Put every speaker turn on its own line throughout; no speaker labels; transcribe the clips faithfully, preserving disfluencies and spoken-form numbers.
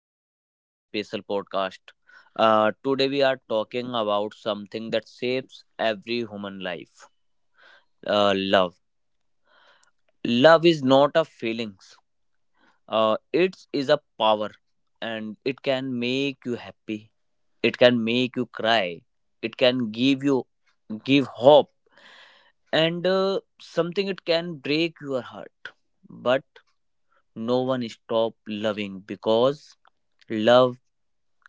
this very special podcast. Uh, today, we are talking about something that shapes every human life uh, love. Love is not a feelings. Uh, it is a power, and it can make you happy. It can make you cry. It can give you give hope, and uh, something it can break your heart. But no one stop loving because love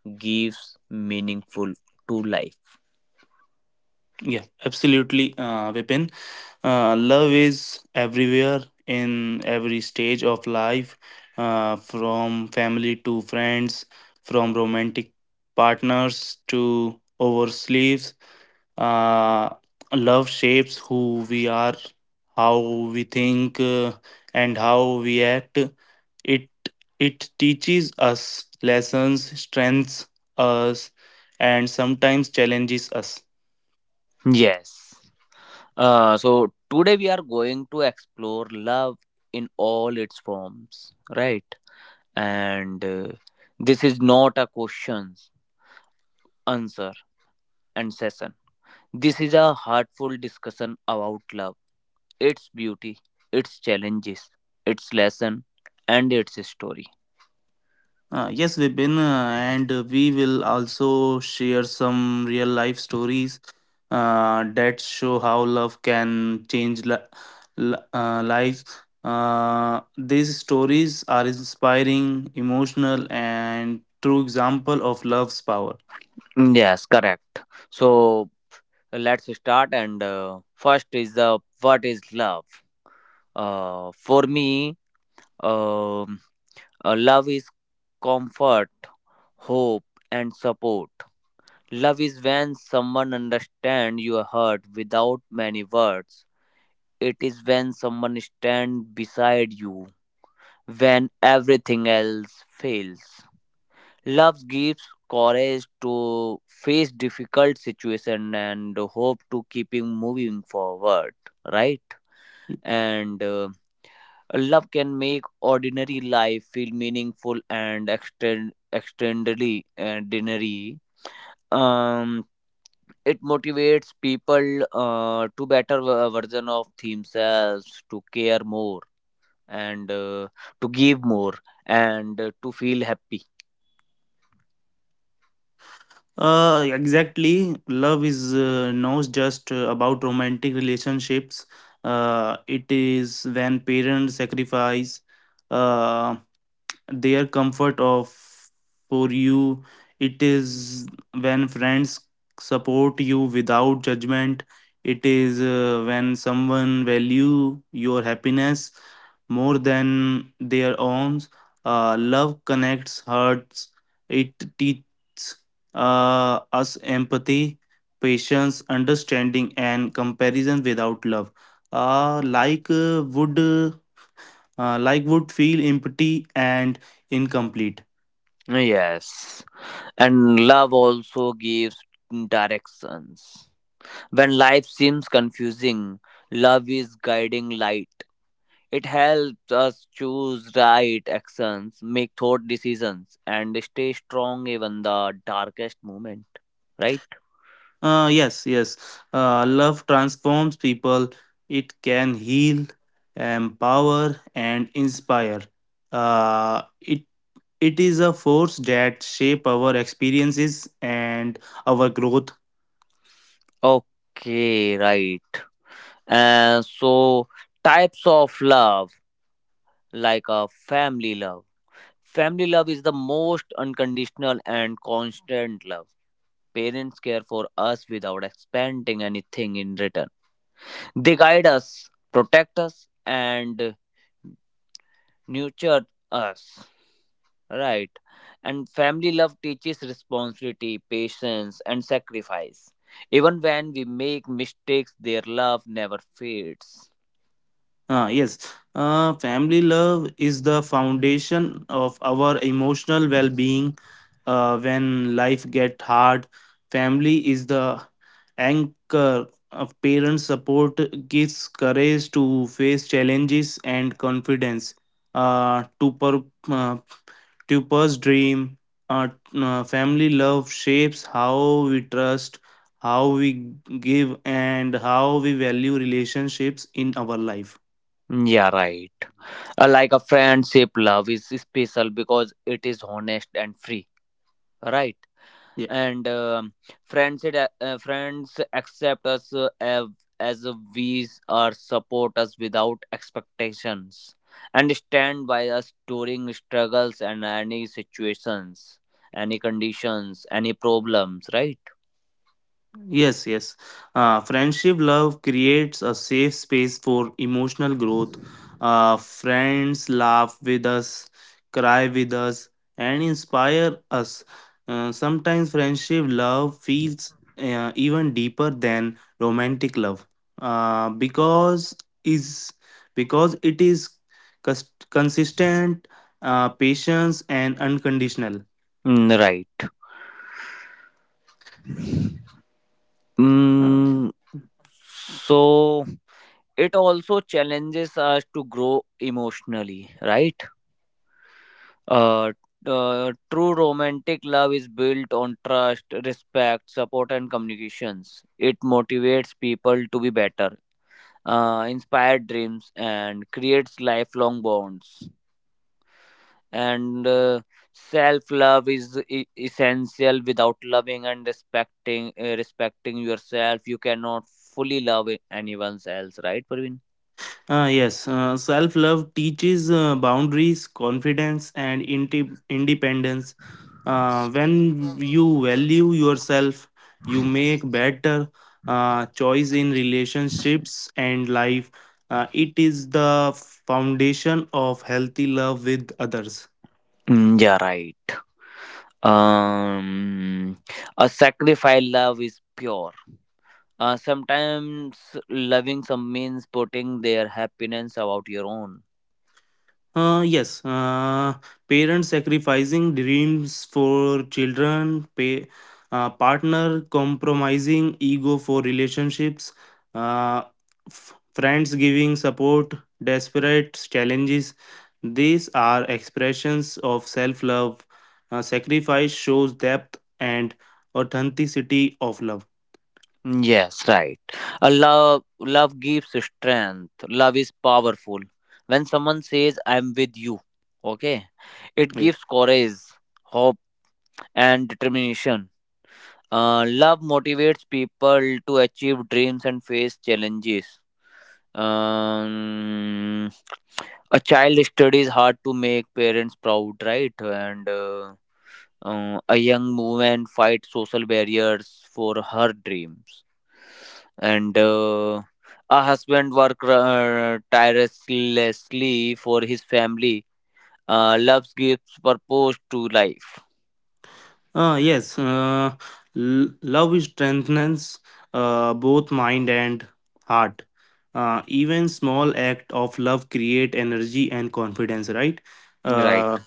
gives meaningful to life.
Yeah, absolutely, uh, Vipin. Uh, love is everywhere in every stage of life, uh, from family to friends, from romantic partners to oversleeves. Uh, Love shapes who we are, how we think, uh, and how we act. It it teaches us lessons, strengthens us, and sometimes challenges us.
Yes. Uh, so today we are going to explore love in all its forms, right? And uh, This is not a questions, answer, and session. This is a heartful discussion about love, its beauty, its challenges, its lesson, and its story.
Uh, yes, Vipin, uh, and we will also share some real life stories uh, that show how love can change li- li- uh, lives. Uh, these stories are inspiring, emotional, and true example of love's power.
Yes, correct. So let's start. And uh, First is the what is love? Uh, for me, um, uh, love is comfort, hope, and support. Love is when someone understands your hurt without many words. It is when someone stands beside you when everything else fails. Love gives courage to face difficult situation and hope to keeping moving forward. Right? And uh, Love can make ordinary life feel meaningful and extend extendedly ordinary. Um, it motivates people uh, to better ver- version of themselves, to care more, and uh, to give more, and uh, to feel happy.
Uh, exactly, love is uh, not just uh, about romantic relationships. Uh, it is when parents sacrifice. Uh, their comfort of for you, it is when friends support you without judgment, it is uh, when someone value your happiness more than their own. Uh, love connects hearts, it teaches uh, us empathy, patience, understanding and comparison. Without love, uh, like uh, would uh, life would feel empty and incomplete.
Yes, and love also gives directions. When life seems confusing, love is guiding light. It helps us choose right actions, make thought decisions, and stay strong even the darkest moment. Right?
Uh, yes, yes. Uh, love transforms people. It can heal, empower, and inspire. Uh, it it is a force that shape our experiences and our growth.
Okay, right. And so, Types of love, like a family love. Family love is the most unconditional and constant love. Parents care for us without expecting anything in return. They guide us, protect us, and nurture us. Right. And family love teaches responsibility, patience, and sacrifice. Even when we make mistakes, their love never fades.
Ah, yes. Uh, family love is the foundation of our emotional well being. Uh, when life gets hard, family is the anchor of parents' support, gives courage to face challenges and confidence. Uh, to, per, uh, to purse dream, uh, uh, family love shapes how we trust, how we give, and how we value relationships in our life.
Yeah, right. Uh, Like a friendship, love is special because it is honest and free. Right. and um friends it, uh, uh, friends accept us uh, av- as we are, support us without expectations and stand by us during struggles and any situations any conditions any problems, right.
Yes, yes. Uh, friendship love creates a safe space for emotional growth. Uh, friends laugh with us, cry with us, and inspire us. Uh, sometimes friendship love feels uh, even deeper than romantic love uh, because is because it is cus- consistent, uh, patience, and unconditional.
Mm, right.
Uh,
Mm, so it also challenges us to grow emotionally, right. Uh, uh, True romantic love is built on trust, respect, support, and communications. It motivates people to be better, uh, inspire dreams, and creates lifelong bonds. And uh, Self love is e- essential. Without loving and respecting uh, respecting yourself, you cannot fully love anyone else. Right, Praveen?
Uh, yes, uh, Self love teaches uh, boundaries, confidence, and inte- independence. Uh, when you value yourself, you make better uh, choice in relationships and life. Uh, it is the foundation of healthy love with others.
Mm, yeah, right. Um, a sacrifice love is pure. Uh, sometimes loving some means putting their happiness about your own.
Uh, yes, uh, parents sacrificing dreams for children, pay, uh, partner compromising ego for relationships, uh, f- friends giving support, desperate challenges. These are expressions of self love. Sacrifice shows depth and authenticity of love.
Yes, right. A love love gives strength. Love is powerful. When someone says I'm with you, okay? It gives courage, hope and determination. Uh, love motivates people to achieve dreams and face challenges. Um, a child studies hard to make parents proud, right? And uh, Uh, a young woman fights social barriers for her dreams, and uh, a husband works uh, tirelessly for his family. Uh, love gives purpose to life.
Uh, yes, uh, l- love strengthens uh, both mind and heart. Uh, even small act of love create energy and confidence, right?
Right.
Uh,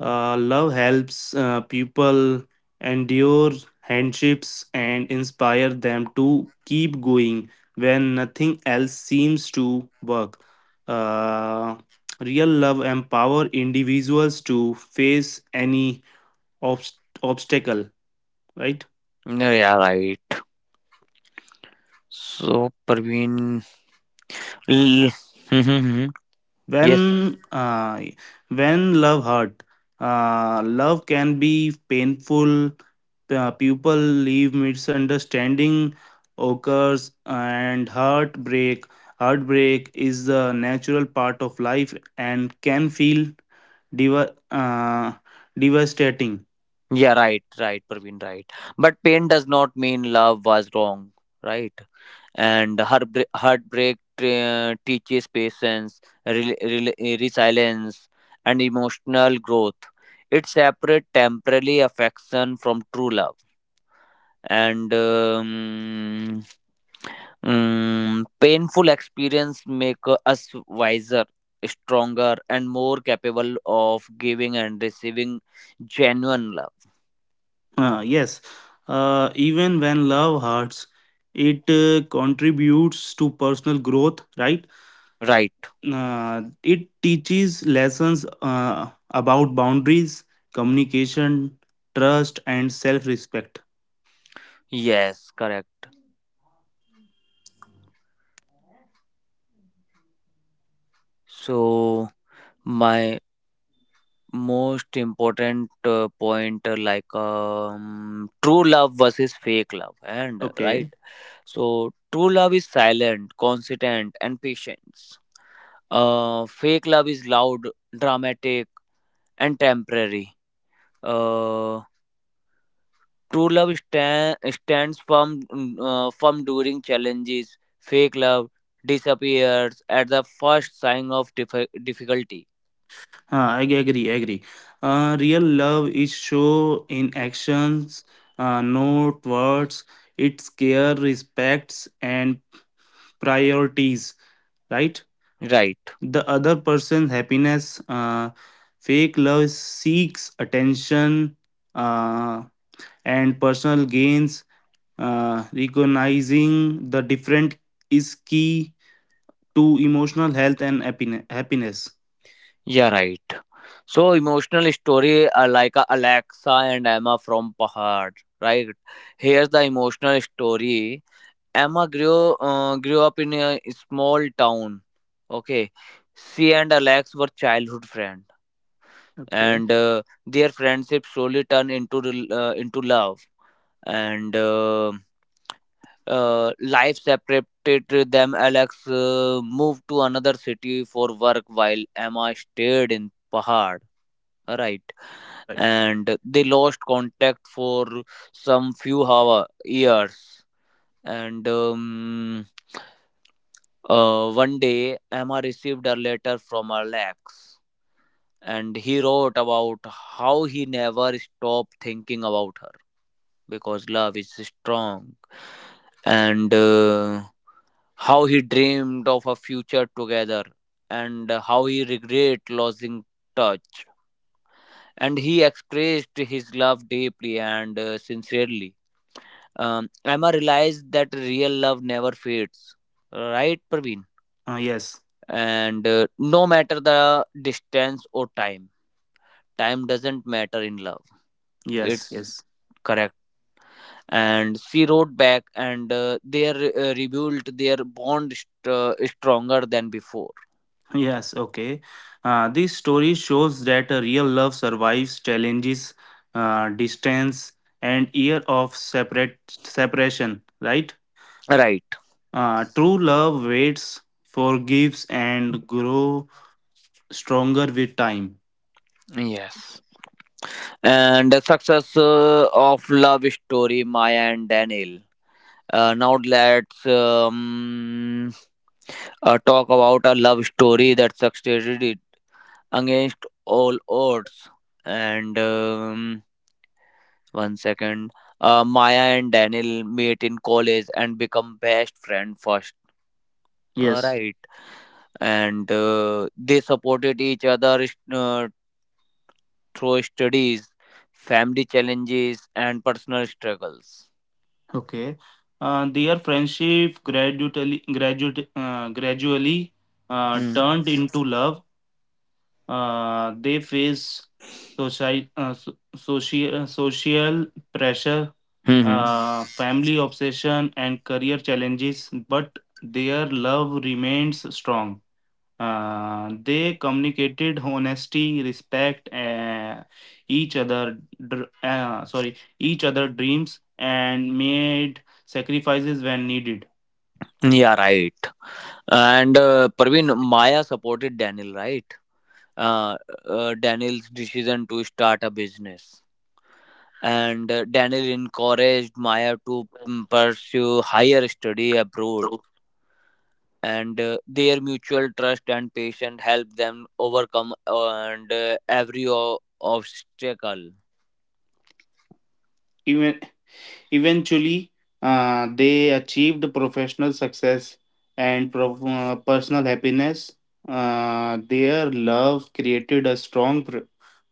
uh, Love helps uh, people endure hardships and inspire them to keep going when nothing else seems to work. Uh, Real love empower individuals to face any obst- obstacle, right?
Yeah. Right. So Parveen. L- yes.
When uh, when love hurt, uh, love can be painful. Uh, people leave, misunderstanding occurs, and heartbreak heartbreak is the natural part of life and can feel deva- uh, devastating.
Yeah. Right. Right. Parveen. Right. But pain does not mean love was wrong. Right. And heartbreak, heartbreak tra- teaches patience, re- re- resilience, and emotional growth. It separates temporary affection from true love, and um, um, painful experience make us wiser, stronger, and more capable of giving and receiving genuine love.
Uh, yes uh, even when love hurts it uh, contributes to personal growth, right?
Right?
Uh, it teaches lessons uh, about boundaries, communication, trust, and self respect.
Yes, correct. So my most important uh, point uh, like um, true love versus fake love, and uh, right.
Okay.
So true love is silent, consistent, and patience. Uh, fake love is loud, dramatic, and temporary. Uh, true love stand, stands firm mm, uh, firm during challenges. Fake love disappears at the first sign of diffi- difficulty.
uh, I agree, agree. Uh, real love is show in actions, uh, not words. It's care, respects, and priorities. Right,
Right.
the other person's happiness. Uh, fake love seeks attention uh, and personal gains. Uh, recognizing the different is key to emotional health and happiness. Happiness.
Yeah, right. So emotional story are like a Alexa and Emma from Pahar, right? Here's the emotional story. Emma grew uh, grew up in a small town. Okay, she and Alex were childhood friends,
Okay,
and uh, their friendship slowly turned into rel- uh, into love. And uh, uh, life separated them. Alex uh, moved to another city for work, while Emma stayed in Pahar, right.
right.
And they lost contact for some few hour years, and um, uh, one day Emma received a letter from Alex, and he wrote about how he never stopped thinking about her because love is strong, and uh, how he dreamed of a future together, and how he regret losing touch, and he expressed his love deeply and uh, sincerely. Um, Emma realized that real love never fades, right, Praveen?
Uh, yes,
And uh, no matter the distance or time, time doesn't matter in love.
yes,
It's
yes,
correct. And she wrote back, and uh, they uh, rebuilt their bond st- uh, stronger than before.
yes. Okay. Uh, this story shows that a real love survives challenges, uh, distance, and year of separate separation. Right.
Right.
Uh, true love waits, forgives, and grow stronger with time.
Yes. And the success uh, of love story Maya and Daniel. Uh, now let's um, uh, talk about a love story that succeeded it against all odds. And um, One second, uh, Maya and Daniel meet in college and become best friend first. All
Yes.
right, and uh, they supported each other uh, through studies, family challenges, and personal struggles.
Okay. Uh, their friendship gradually, gradually, uh, gradually uh,
Hmm.
turned into love. Uh, they face soci- uh, so- social, social pressure,
Hmm, hmm.
uh, family obsession, and career challenges, but their love remains strong. Uh, they communicated honesty, respect uh, each other. Dr- Uh, sorry, each other dreams and made sacrifices when needed.
Yeah, right. And uh, Praveen, Maya supported Daniel, right? Uh, uh, Daniel's decision to start a business. And uh, Daniel encouraged Maya to mm, pursue higher study abroad.
True.
And uh, their mutual trust and patience helped them overcome, uh, and uh, every o- obstacle.
Even Eventually, uh, they achieved professional success and prof- uh, personal happiness. Uh, their love created a strong pr-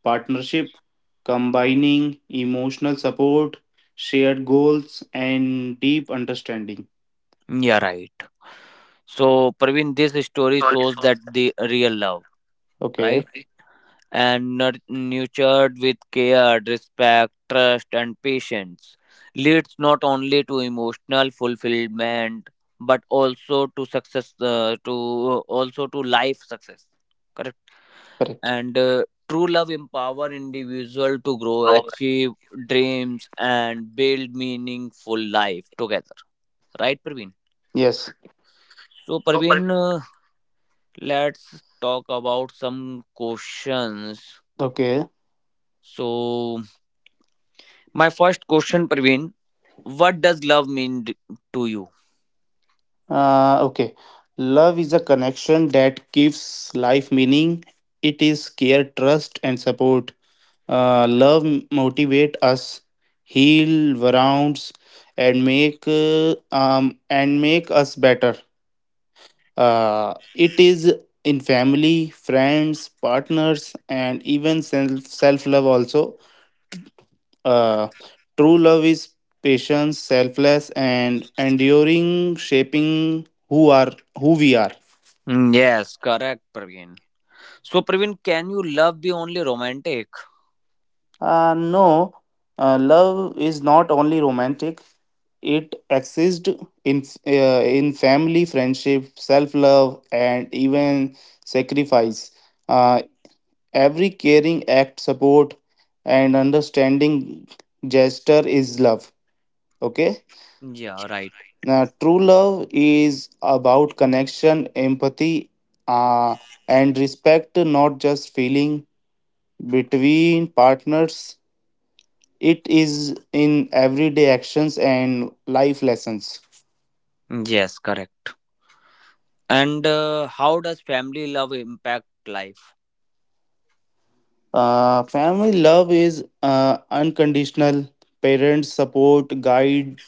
partnership, combining emotional support, shared goals, and deep understanding.
Yeah, right. So Praveen, this story shows that the real love,
Okay,
right? and nur- nurtured with care, respect, trust, and patience, leads not only to emotional fulfillment but also to success, uh, to also to life success. Correct.
correct.
And uh, true love empower individual to grow, achieve dreams, and build meaningful life together. Right, Praveen?
Yes.
So, Praveen, uh, let's talk about some questions.
Okay.
So, my first question, Praveen, what does love mean d- to you?
Uh, okay. Love is a connection that gives life meaning. It is care, trust, and support. Uh, love motivate us, heal wounds, and make uh, um and make us better. Uh, it is in family, friends, partners, and even self self love also. Uh, True love is patient, selfless, and enduring, shaping who are who we are.
Mm, yes, correct, Praveen. So, Praveen, can you love be only romantic?
Uh, no, uh, love is not only romantic. It exists in uh, in family, friendship, self love, and even sacrifice. Uh, every caring act, support, and understanding gesture is love. Okay.
Yeah, right.
Now, true love is about connection, empathy, uh, and respect, not just feeling between partners. It is in everyday actions and life lessons.
Yes, correct. And uh, how does family love impact life?
Uh, family love is uh, unconditional. Parents support, guide,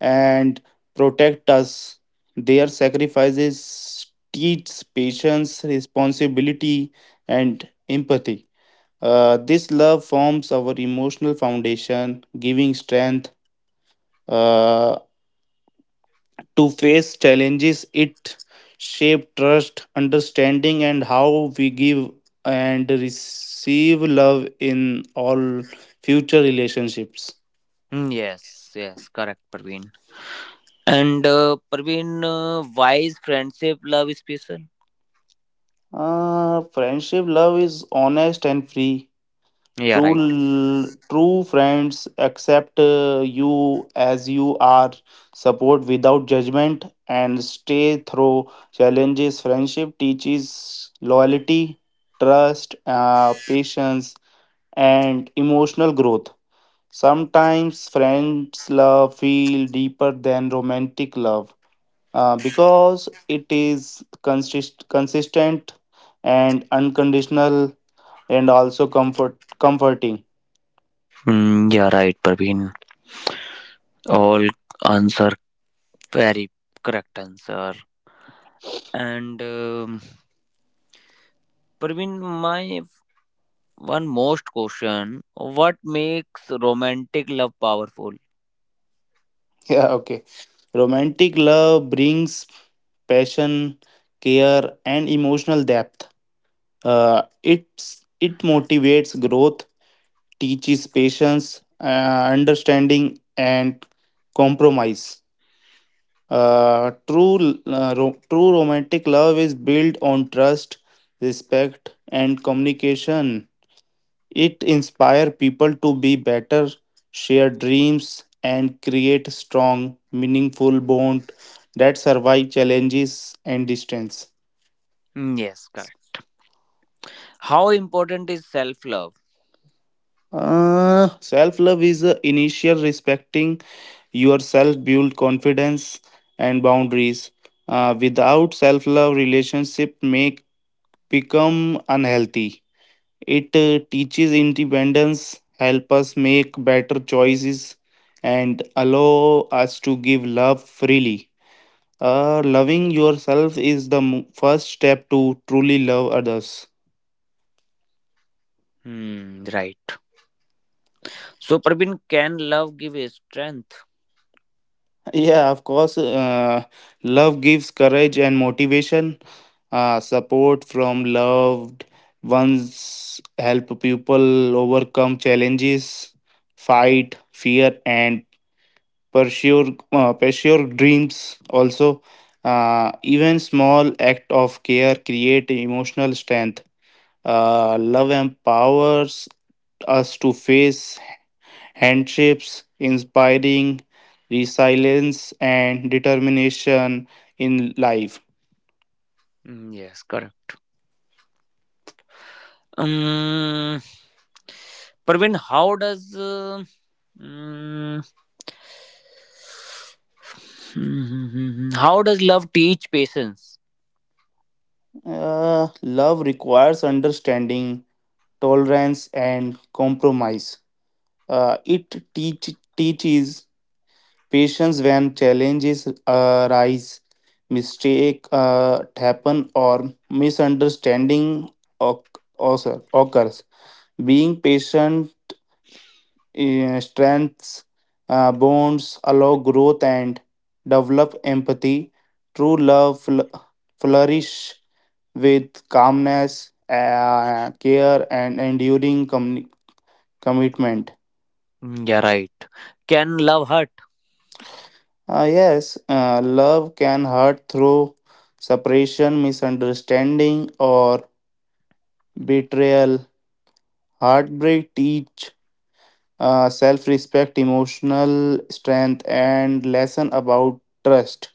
and protect us. Their sacrifices teach patience, responsibility, and empathy. Uh, this love forms our emotional foundation, giving strength uh, to face challenges. It shapes trust, understanding, and how we give and receive love in all future relationships.
Mm, yes, yes, correct, Praveen. And uh, Praveen, uh, why is friendship love special?
Uh, friendship love is honest and free.
Yeah,
True,
right.
l- true friends accept uh, you as you are, support without judgment, and stay through challenges. Friendship teaches loyalty, trust, uh, patience, and emotional growth. Sometimes friends' love feel deeper than romantic love uh, because it is consist- consistent and unconditional, and also comfort comforting.
Mm, yeah, right, Praveen. All answer very correct answer. And um Praveen, my one most question, what makes romantic love powerful?
Yeah, okay. Romantic love brings passion, care, and emotional depth. Uh, it's it motivates growth, teaches patience, uh, understanding, and compromise. Uh, true, uh, ro- True romantic love is built on trust, respect, and communication. It inspires people to be better, share dreams, and create strong, meaningful bond that survive challenges and distance.
Hmm, yes, correct. How important is self love?
Uh, self-love is a initial respecting yourself, build confidence and boundaries. Uh, without self-love, relationship may become unhealthy. It uh, teaches independence, help us make better choices, and allow us to give love freely. Uh, loving yourself is the m- first step to truly love others.
Hmm, right. So, Praveen, can love give a strength?
Yeah, of course. Uh, love gives courage and motivation. Uh, support from loved ones help people overcome challenges, fight fear, and pursue uh, pursue dreams also. Uh, even small act of care create emotional strength. Uh, love empowers us to face hardships, inspiring resilience and determination in life.
Hmm, yes, correct. Um, Praveen, how does. Uh, mm, how does love teach patience?
Uh, Love requires understanding, tolerance and compromise. Uh, it teach, teaches patience when challenges arise, mistake uh, happen, or misunderstanding oc- also occurs. Being patient uh, strengthens uh, bonds, allow growth, and develop empathy. True love fl- flourish with calmness, uh, care, and enduring commi- commitment.
Hmm, yeah, right. Can love hurt?
Uh, yes, uh, love can hurt through separation, misunderstanding, or betrayal. Heartbreak teach uh, self-respect, emotional strength, and lesson about trust.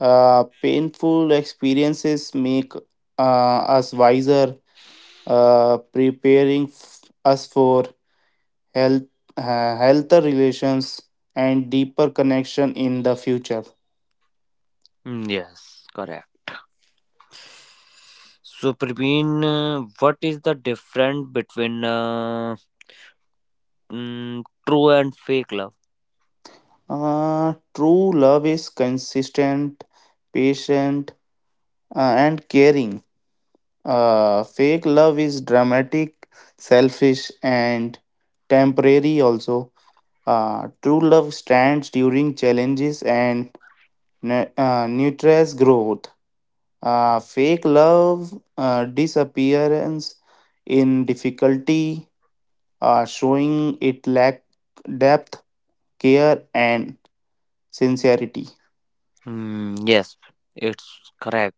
Uh, painful experiences make uh, us wiser, uh, preparing f- us for health, uh, healthier relations and deeper connection in the future.
Hmm, yes, correct. So, Praveen, uh, what is the difference between uh, mm, true and fake love?
Uh, true love is consistent, patient, uh, and caring. Uh, fake love is dramatic, selfish, and temporary also. Uh, true love stands during challenges and nu- uh, nurtures growth. Uh, fake love uh, disappearance in difficulty, uh, showing it lack depth, care, and sincerity.
Hmm, yes, it's correct.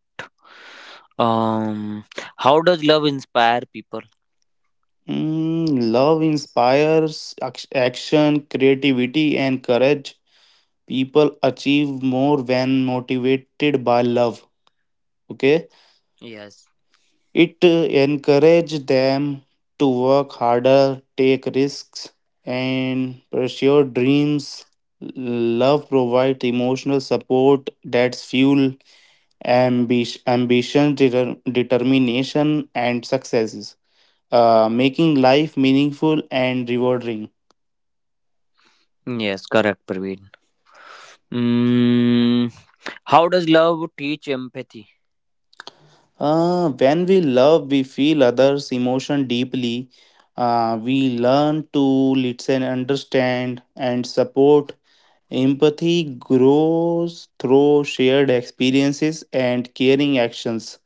Um, how does love inspire people?
Mm, love inspires ac- action, creativity, and courage. People achieve more when motivated by love. Okay,
Yes,
it uh, encourages them to work harder, take risks, and pursue dreams. Love provides emotional support that's fuel ambi- ambition, deter- determination, and successes, uh, making life meaningful and rewarding.
yes, correct, Praveen. Mm, how does love teach empathy?
Uh, when we love, we feel others' emotion deeply. Uh, we learn to listen, understand, and support. Empathy grows through shared experiences and caring actions.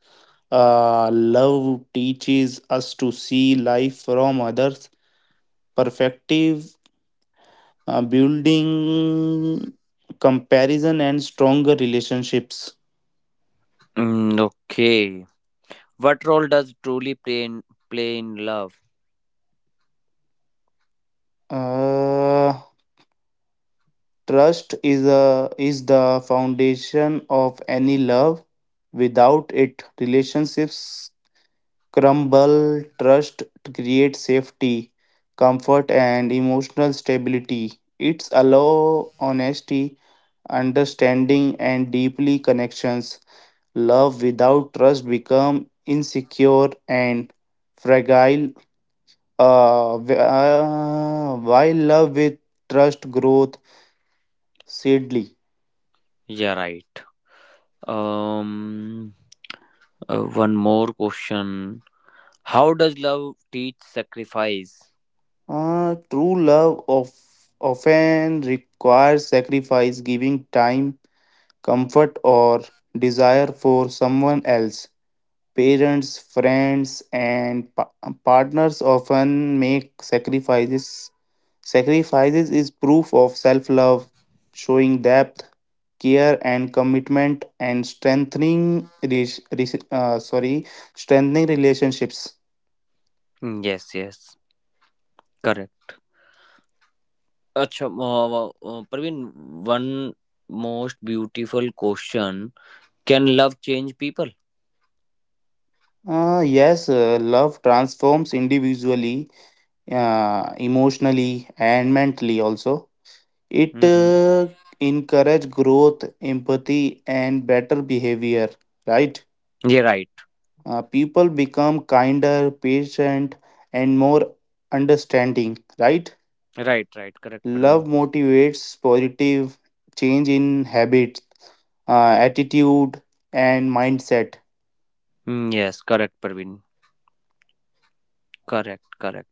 Uh, love teaches us to see life from others' perspective, uh, building comparison and stronger relationships.
Mm, okay. What role does truly play in, play in love?
Uh, Trust is a is the foundation of any love. Without it, relationships crumble. Trust creates safety, comfort, and emotional stability. It's allow honesty, understanding, and deeply connections. Love without trust become insecure and fragile. Uh, wh- uh, while love with trust growth seedly.
Yeah, right. Um, uh, One more question. How does love teach sacrifice?
Uh, true love of, often requires sacrifice, giving time, comfort, or desire for someone else. Parents, friends, and pa- partners often make sacrifices. Sacrifices is proof of self love, showing depth, care, and commitment, and strengthening, re- re- uh, sorry, strengthening relationships.
Mm, yes, yes, correct. अच्छा uh, uh, Praveen, one most beautiful question. Can love change people?
Uh, yes, uh, love transforms individually uh, emotionally and mentally also. It
Hmm.
uh, encourage growth, empathy, and better behavior. Right?
Yeah, right,
Uh, people become kinder, patient, and more understanding. Right?
right, right, correct,
Love
Praveen.
motivates positive change in habits, uh, attitude, and mindset.
Mm, yes, correct, Praveen. Correct, correct.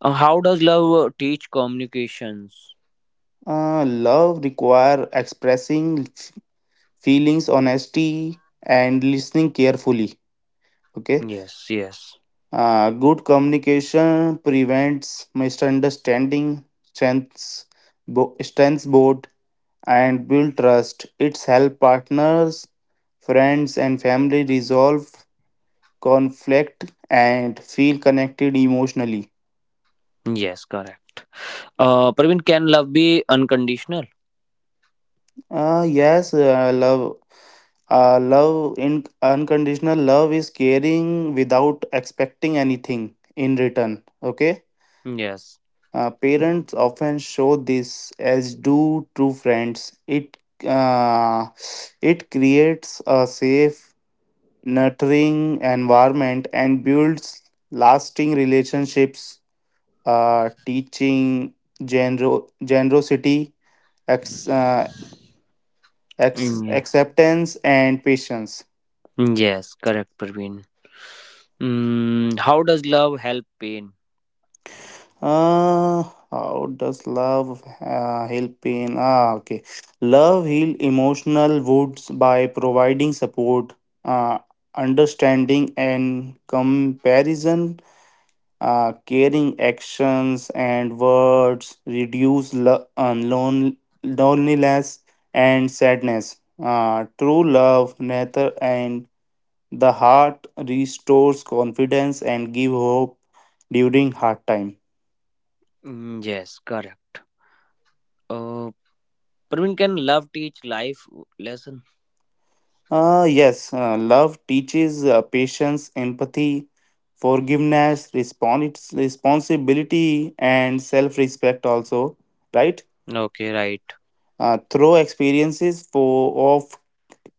Uh, how does love uh, teach communications?
Uh, love require expressing feelings, honesty, and listening carefully. Okay.
Yes, yes,
Uh, good communication prevents misunderstanding, strengths, bo- strengths both, and build trust. It's help partners, friends, and family resolve conflict and feel connected emotionally.
yes, correct. Uh, Praveen, can love be unconditional?
Uh, yes, uh, love. Uh, love in unconditional love is caring without expecting anything in return. Okay.
Yes.
Uh, parents often show this, as do true friends. It uh, it creates a safe, nurturing environment and builds lasting relationships. Uh, teaching gener- generosity, ex- uh, ex-
Mm, yeah.
acceptance, and patience.
Yes, correct, Praveen. Mm, how does love help pain?
Uh, how does love uh, heal pain? Ah, okay. Love heal emotional wounds by providing support, uh, understanding, and comparison. Uh, caring actions and words reduce lo- uh, lon- loneliness and sadness. Uh, true love, nature, and the heart restores confidence and give hope during hard time.
Mm, yes, correct. Uh, Praveen, can love teach life lesson?
Uh, yes, uh, love teaches uh, patience, empathy, forgiveness, respons- responsibility, and self respect, also, right?
Okay, right.
Uh, through experiences for, of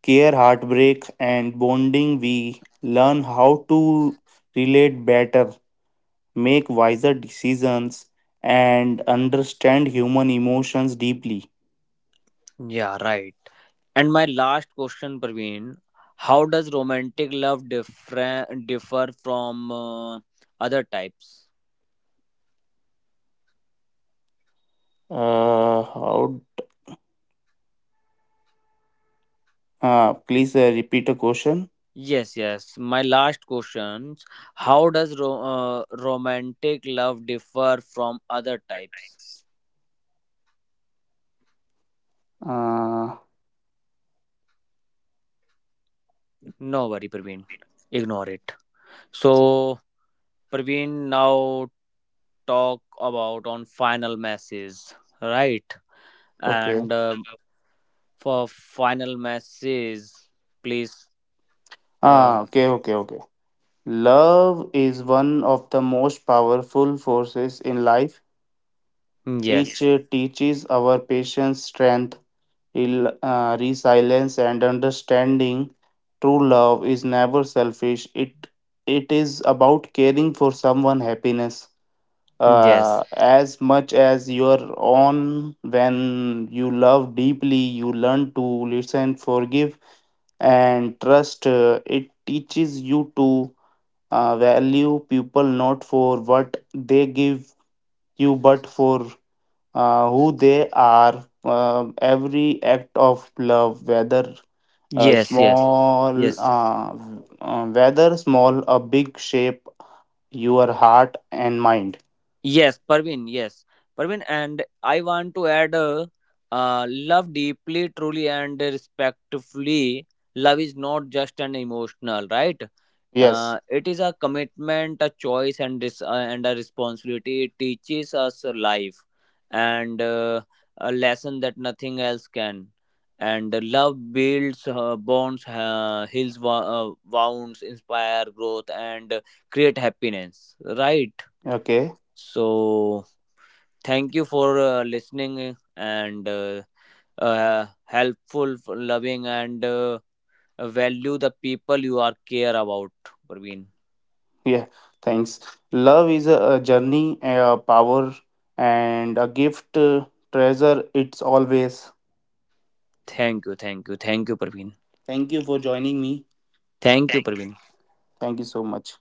care, heartbreak, and bonding, we learn how to relate better, make wiser decisions, and understand human emotions deeply.
Yeah, right. And my last question, Praveen, how does romantic love differ differ from uh, other types?
Uh, how, uh, Please uh, repeat the question.
Yes, yes. My last questions, how does ro- uh, romantic love differ from other types?
Uh,
No worry, Praveen. Ignore it. So Praveen now talk about on final matches, right?
okay.
And uh, for final matches, please. Uh,
Ah, okay, okay, okay. Love is one of the most powerful forces in life. It
yes,
uh, teaches our patience, strength, rel- uh, resilience, and understanding. True love is never selfish. It it is about caring for someone happiness
yes,
uh,
mm,
as much as your own. When you love deeply, you learn to listen, forgive, and trust. Uh, it teaches you to uh, value people not for what they give you, but for uh, who they are. Um, every act of love, whether uh,
yes, yes,
small,
yes.
uh, uh, whether small or big, shape your heart and mind.
Yes, Parvin. Yes, Parvin. And I want to add, uh, uh, love deeply, truly, and respectfully. Love is not just an emotional, right?
Yes.
Uh, it is a commitment, a choice, and dis- uh, and a responsibility. It teaches us a life and uh, a lesson that nothing else can. And love builds uh, bonds, uh, heals wo- uh, wounds, inspire growth, and uh, create happiness. Right.
Okay.
So thank you for uh, listening and uh, uh, helpful, loving, and uh, value the people you are care about, Praveen.
Yeah, thanks. Love is a, a journey, a power, and a gift. uh, Treasure it's always.
Thank you, thank you, thank you, Praveen.
Thank you for joining me.
Thank you, Praveen.
Thank you so much.